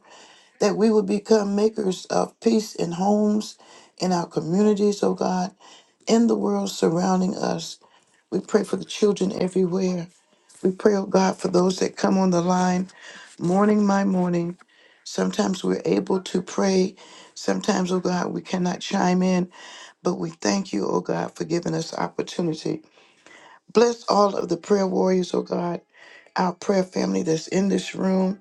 [SPEAKER 6] that we will become makers of peace in homes, in our communities, oh God, in the world surrounding us. We pray for the children everywhere. We pray, oh God, for those that come on the line morning by morning. Sometimes we're able to pray. Sometimes, oh God, we cannot chime in, but we thank you, oh God, for giving us opportunity. Bless all of the prayer warriors, oh God, our prayer family that's in this room.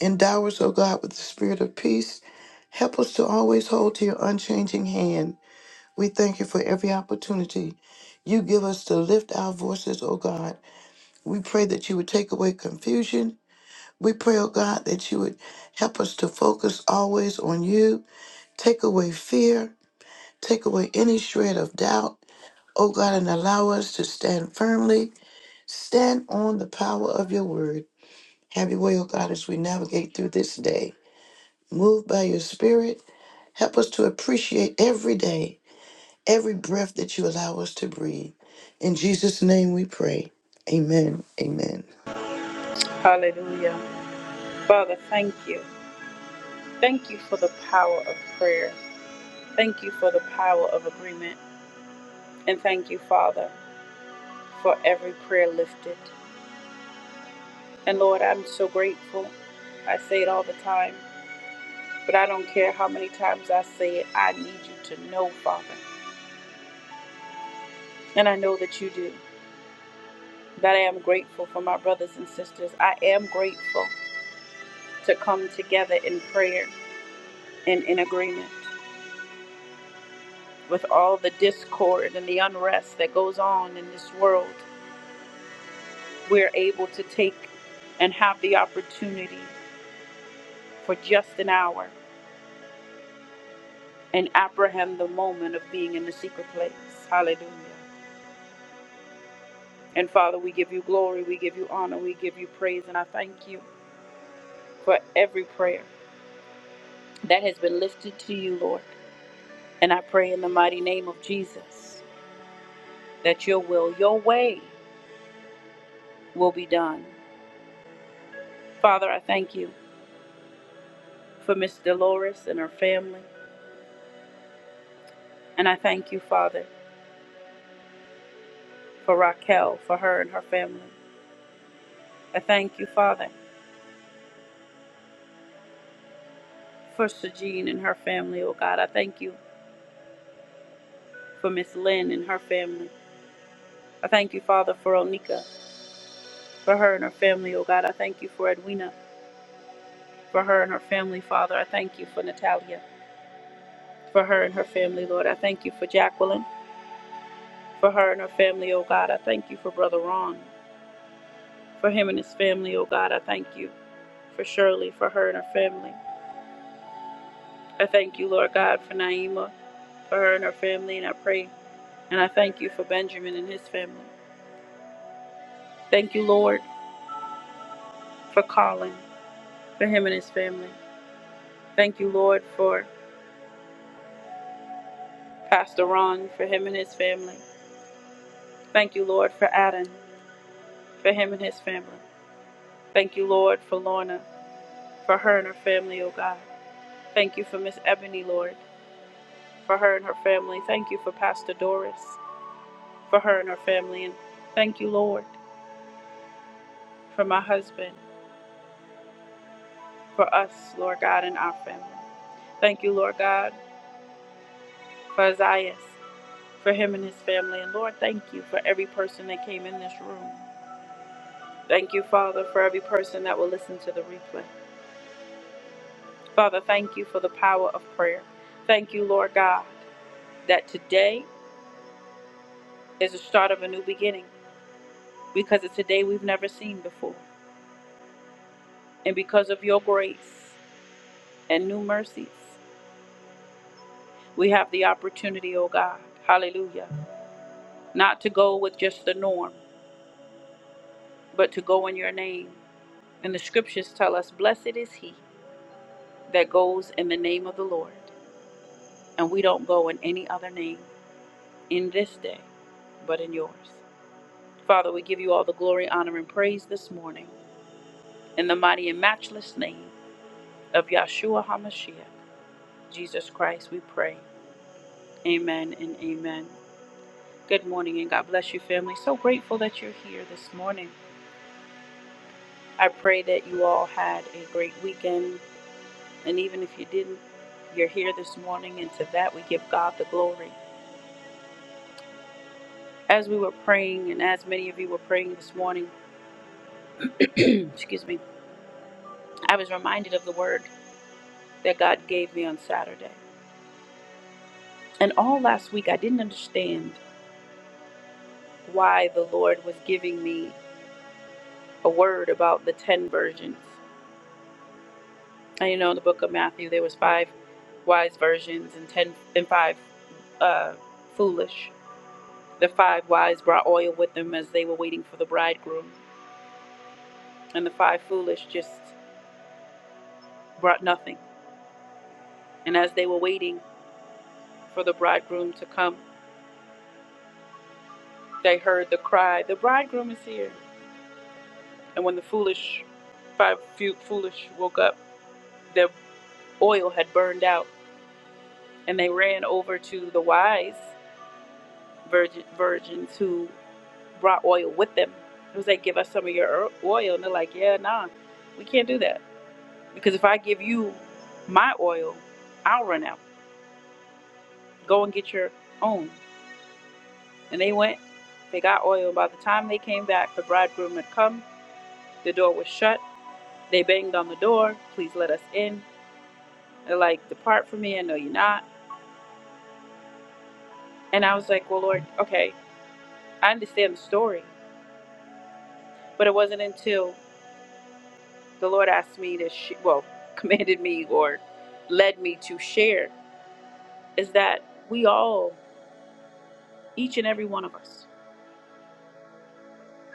[SPEAKER 6] Endow us, oh God, with the spirit of peace. Help us to always hold to your unchanging hand. We thank you for every opportunity you give us to lift our voices, oh God. We pray that you would take away confusion We pray, oh God, that you would help us to focus always on you. Take away fear. Take away any shred of doubt, oh God, and allow us to stand firmly. Stand on the power of your word. Have your way, oh God, as we navigate through this day. Move by your spirit. Help us to appreciate every day, every breath that you allow us to breathe. In Jesus' name we pray. Amen. Amen.
[SPEAKER 1] Hallelujah. Father, thank you. Thank you for the power of prayer. Thank you for the power of agreement. And thank you, Father, for every prayer lifted. And Lord, I'm so grateful. I say it all the time. But I don't care how many times I say it, I need you to know, Father. And I know that you do. That I am grateful for my brothers and sisters. I am grateful to come together in prayer and in agreement with all the discord and the unrest that goes on in this world. We're able to take and have the opportunity for just an hour and apprehend the moment of being in the secret place. Hallelujah. And Father, we give you glory, we give you honor, we give you praise, and I thank you for every prayer that has been lifted to you, Lord. And I pray in the mighty name of Jesus that your will, your way will be done. Father, I thank you for Miss Dolores and her family. And I thank you, Father, for Raquel, for her and her family. I thank you, Father, for Sajine and her family, oh God. I thank you for Miss Lynn and her family. I thank you, Father, for Onika, for her and her family, oh God. I thank you for Edwina, for her and her family, Father. I thank you for Natalia. for her and her family, Lord. I thank you for Jacqueline, for her and her family, oh God. I thank you for Brother Ron, for him and his family, oh God. I thank you for Shirley, for her and her family. I thank you, Lord God, for Naima, for her and her family, and I pray and I thank you for Benjamin and his family. Thank you, Lord, for Colin, for him and his family. Thank you, Lord, for Pastor Ron, for him and his family. Thank you, Lord, for Adam, for him and his family. Thank you, Lord, for Lorna, for her and her family, oh God. Thank you for Miss Ebony, Lord, for her and her family. Thank you for Pastor Doris, for her and her family. And thank you, Lord, for my husband, for us, Lord God, and our family. Thank you, Lord God, for Isaiah, for him and his family. And Lord, thank you for every person that came in this room. Thank you, Father, for every person that will listen to the replay. Father, thank you for the power of prayer. Thank you, Lord God, that today is the start of a new beginning because it's a day we've never seen before. And because of your grace and new mercies, we have the opportunity, O God, hallelujah, not to go with just the norm, but to go in your name. And the scriptures tell us, blessed is he that goes in the name of the Lord. And we don't go in any other name in this day, but in yours. Father, we give you all the glory, honor, and praise this morning. In the mighty and matchless name of Yahshua HaMashiach, Jesus Christ, we pray. Amen and amen. Good morning and God bless you, family. So grateful that you're here this morning. I pray that you all had a great weekend. And even if you didn't, you're here this morning. And to that, we give God the glory. As we were praying, and as many of you were praying this morning, excuse me, I was reminded of the word that God gave me on Saturday. And all last week, I didn't understand why the Lord was giving me a word about the 10 virgins. And you know, in the book of Matthew, there was five wise virgins and ten and five uh, foolish. The five wise brought oil with them as they were waiting for the bridegroom, and the five foolish just brought nothing. And as they were waiting for the bridegroom to come, they heard the cry, "The bridegroom is here!" And when the foolish five few foolish woke up, their oil had burned out, and they ran over to the wise virgin, virgins who brought oil with them. It was like, give us some of your er-" oil. And they're like, yeah, nah, we can't do that. Because if I give you my oil, I'll run out. Go and get your own. And they went, they got oil. By the time they came back, the bridegroom had come. The door was shut. They banged on the door, please let us in. They're like, depart from me, I know you're not. And I was like, well, Lord, okay, I understand the story. But it wasn't until the Lord asked me to, sh- well, commanded me or led me to share is that we all, each and every one of us,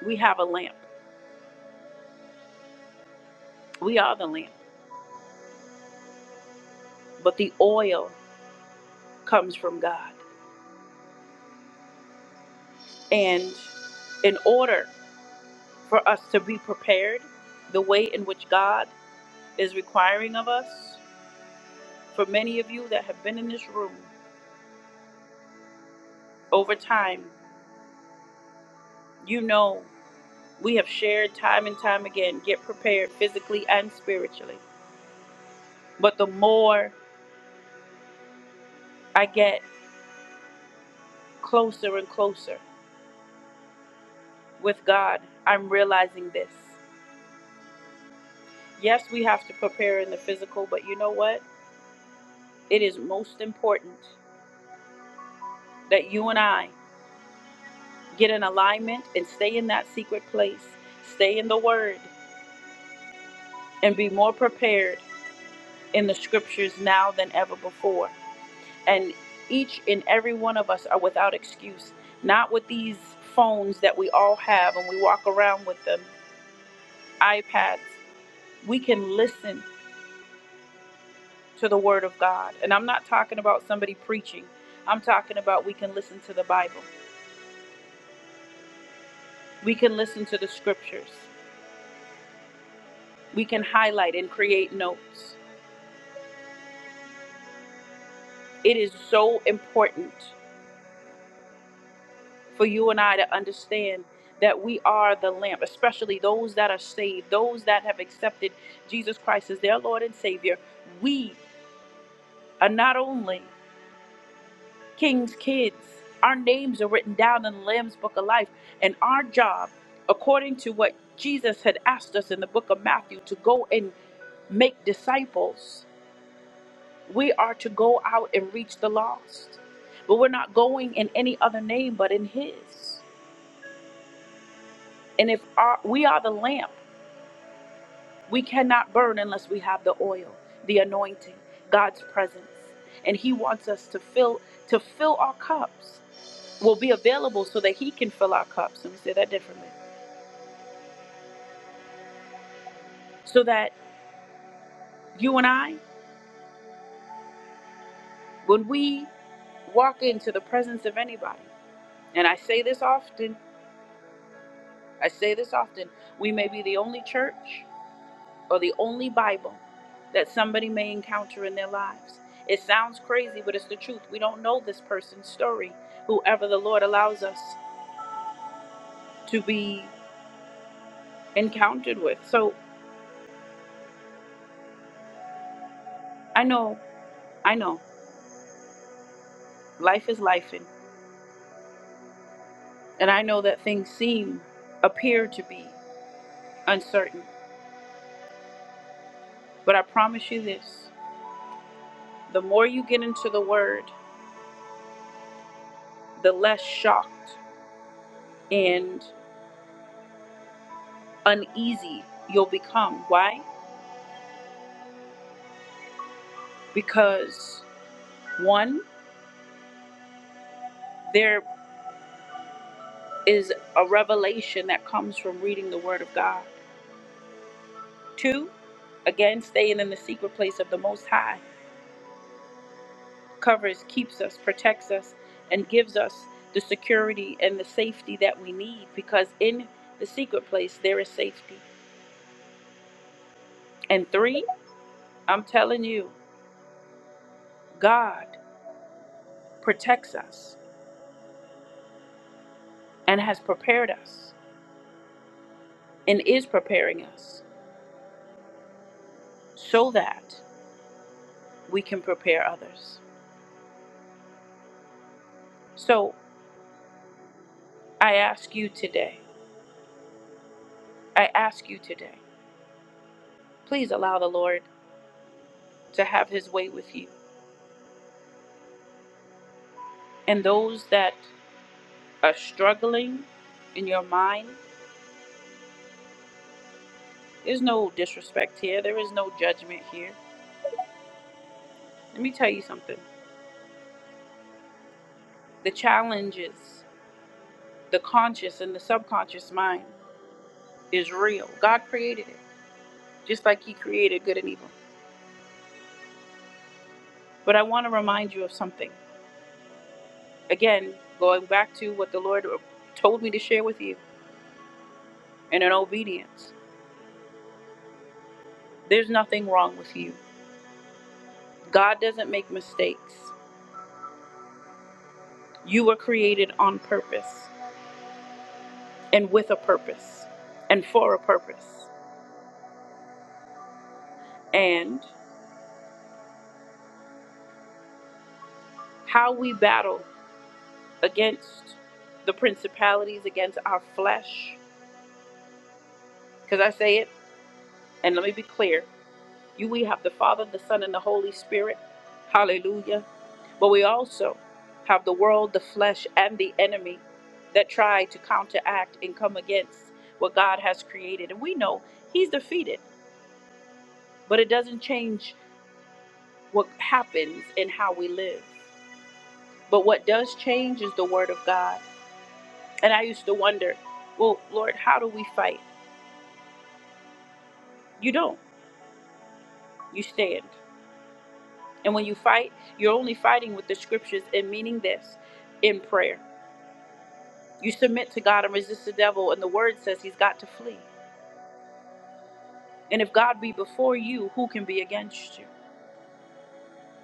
[SPEAKER 1] we have a lamp. We are the lamp, but the oil comes from God. And in order for us to be prepared the way in which God is requiring of us, for many of you that have been in this room over time, you know we have shared time and time again get prepared physically and spiritually. But the more I get closer and closer with God, I'm realizing this. Yes, we have to prepare in the physical, but you know what? It is most important that you and I get in alignment and stay in that secret place, stay in the Word, and be more prepared in the scriptures now than ever before. And each and every one of us are without excuse, not with these phones that we all have and we walk around with them, iPads. We can listen to the Word of God. And I'm not talking about somebody preaching, I'm talking about we can listen to the Bible We can listen to the scriptures. We can highlight and create notes. It is so important for you and I to understand that we are the lamp, especially those that are saved, those that have accepted Jesus Christ as their Lord and Savior. We are not only King's kids, our names are written down in the Lamb's Book of Life, and our job, according to what Jesus had asked us in the book of Matthew, to go and make disciples We are to go out and reach the lost. But we're not going in any other name but in His. And if our, we are the lamp, we cannot burn unless we have the oil, the anointing, God's presence. And He wants us to fill to fill our cups. We'll be available so that He can fill our cups. Let me say that differently. So that you and I, when we walk into the presence of anybody, and I say this often, I say this often, we may be the only church or the only Bible that somebody may encounter in their lives. It sounds crazy, but it's the truth. We don't know this person's story, whoever the Lord allows us to be encountered with. So I know, I know, life is life, and, and I know that things seem, appear to be uncertain. But I promise you this the more you get into the Word, the less shocked and uneasy you'll become. Why? Because one, there is a revelation that comes from reading the Word of God. Two, again, staying in the secret place of the Most High covers, keeps us, protects us, and gives us the security and the safety that we need because in the secret place there is safety. And three, I'm telling you, God protects us and has prepared us and is preparing us so that we can prepare others. So I ask you today, I ask you today. Please allow the Lord to have his way with you. And those that are struggling in your mind, there's no disrespect here, there is no judgment here. Let me tell you something the challenges, the conscious and the subconscious mind is real. God created it, just like he created good and evil. But I want to remind you of something. Again, going back to what the Lord told me to share with you and in obedience, there's nothing wrong with you. God doesn't make mistakes. You were created on purpose and with a purpose and for a purpose. And how we battle against the principalities, against our flesh, because I say it, and let me be clear you, we have the Father, the Son, and the Holy Spirit. Hallelujah. But we also have the world, the flesh, and the enemy that try to counteract and come against what God has created. And we know He's defeated, but it doesn't change what happens in how we live. But what does change is the word of God. And I used to wonder, well, Lord, how do we fight? You don't. You stand. And when you fight, you're only fighting with the scriptures and meaning this in prayer. You submit to God and resist the devil, and the word says he's got to flee. And if God be before you, who can be against you?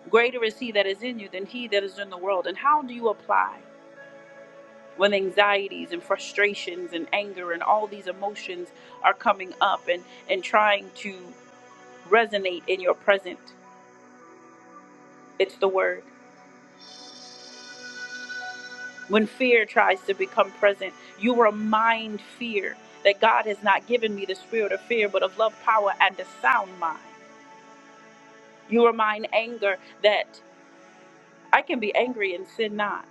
[SPEAKER 1] Greater is he that is in you than he that is in the world. And how do you apply? when anxieties and frustrations and anger and all these emotions are coming up and, and trying to resonate in your present. It's the word. When fear tries to become present, you remind fear that God has not given me the spirit of fear, but of love, power, and a sound mind. You remind anger that I can be angry and sin not.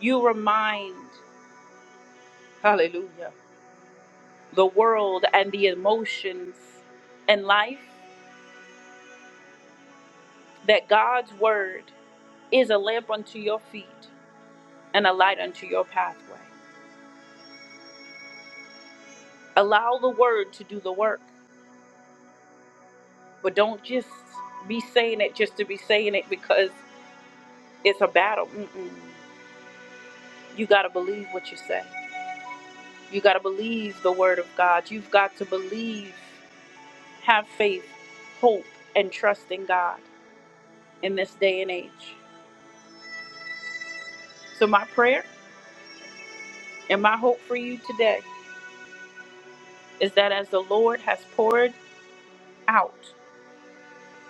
[SPEAKER 1] You remind, hallelujah, the world and the emotions and life that God's word is a lamp unto your feet and a light unto your pathway. Allow the word to do the work, but don't just be saying it just to be saying it because it's a battle. Mm-mm. You got to believe what you say. You got to believe the word of God. You've got to believe, have faith, hope, and trust in God in this day and age. So, my prayer and my hope for you today is that as the Lord has poured out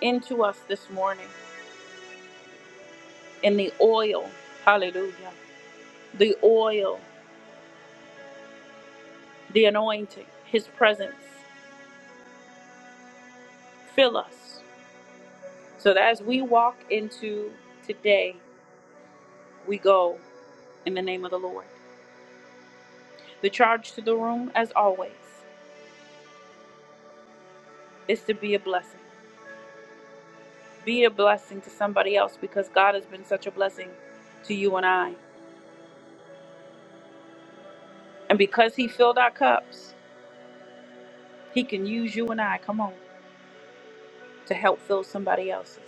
[SPEAKER 1] into us this morning, and the oil, hallelujah, the oil, the anointing, his presence fill us. So that as we walk into today, we go in the name of the Lord. The charge to the room, as always, is to be a blessing. Be a blessing to somebody else because God has been such a blessing to you and I. And because he filled our cups, he can use you and I, come on, to help fill somebody else's.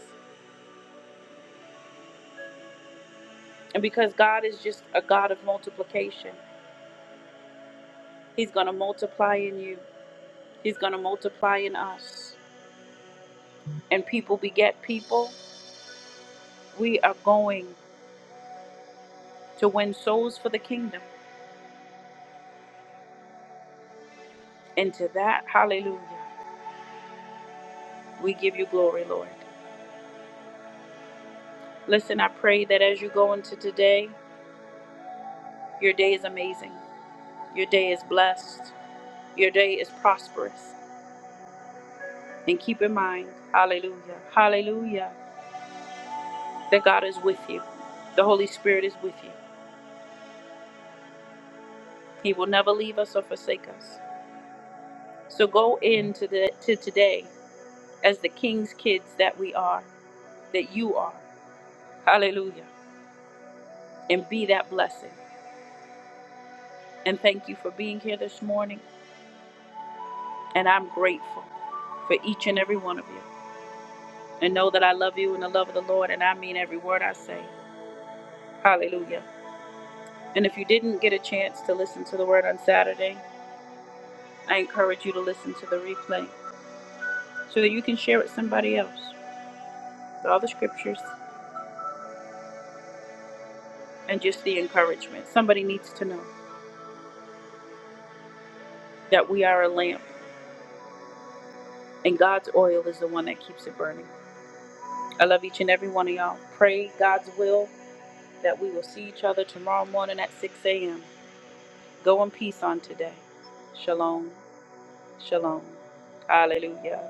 [SPEAKER 1] And because God is just a God of multiplication, He's going to multiply in you. He's going to multiply in us. And people beget people. We are going to win souls for the kingdom. And to that, hallelujah, we give you glory, Lord. Listen, I pray that as you go into today, your day is amazing. Your day is blessed. Your day is prosperous. And keep in mind, hallelujah, hallelujah, that God is with you. The Holy Spirit is with you. He will never leave us or forsake us. So go into the to today as the king's kids that we are, that you are. Hallelujah. And be that blessing. And thank you for being here this morning. And I'm grateful for each and every one of you. And know that I love you in the love of the Lord, and I mean every word I say. Hallelujah. And if you didn't get a chance to listen to the word on Saturday, I encourage you to listen to the replay so that you can share it with somebody else. All the scriptures and just the encouragement. Somebody needs to know that we are a lamp and God's oil is the one that keeps it burning. I love each and every one of y'all. Pray God's will that we will see each other tomorrow morning at 6 a.m. Go in peace on today. Shalom. Shalom. Hallelujah.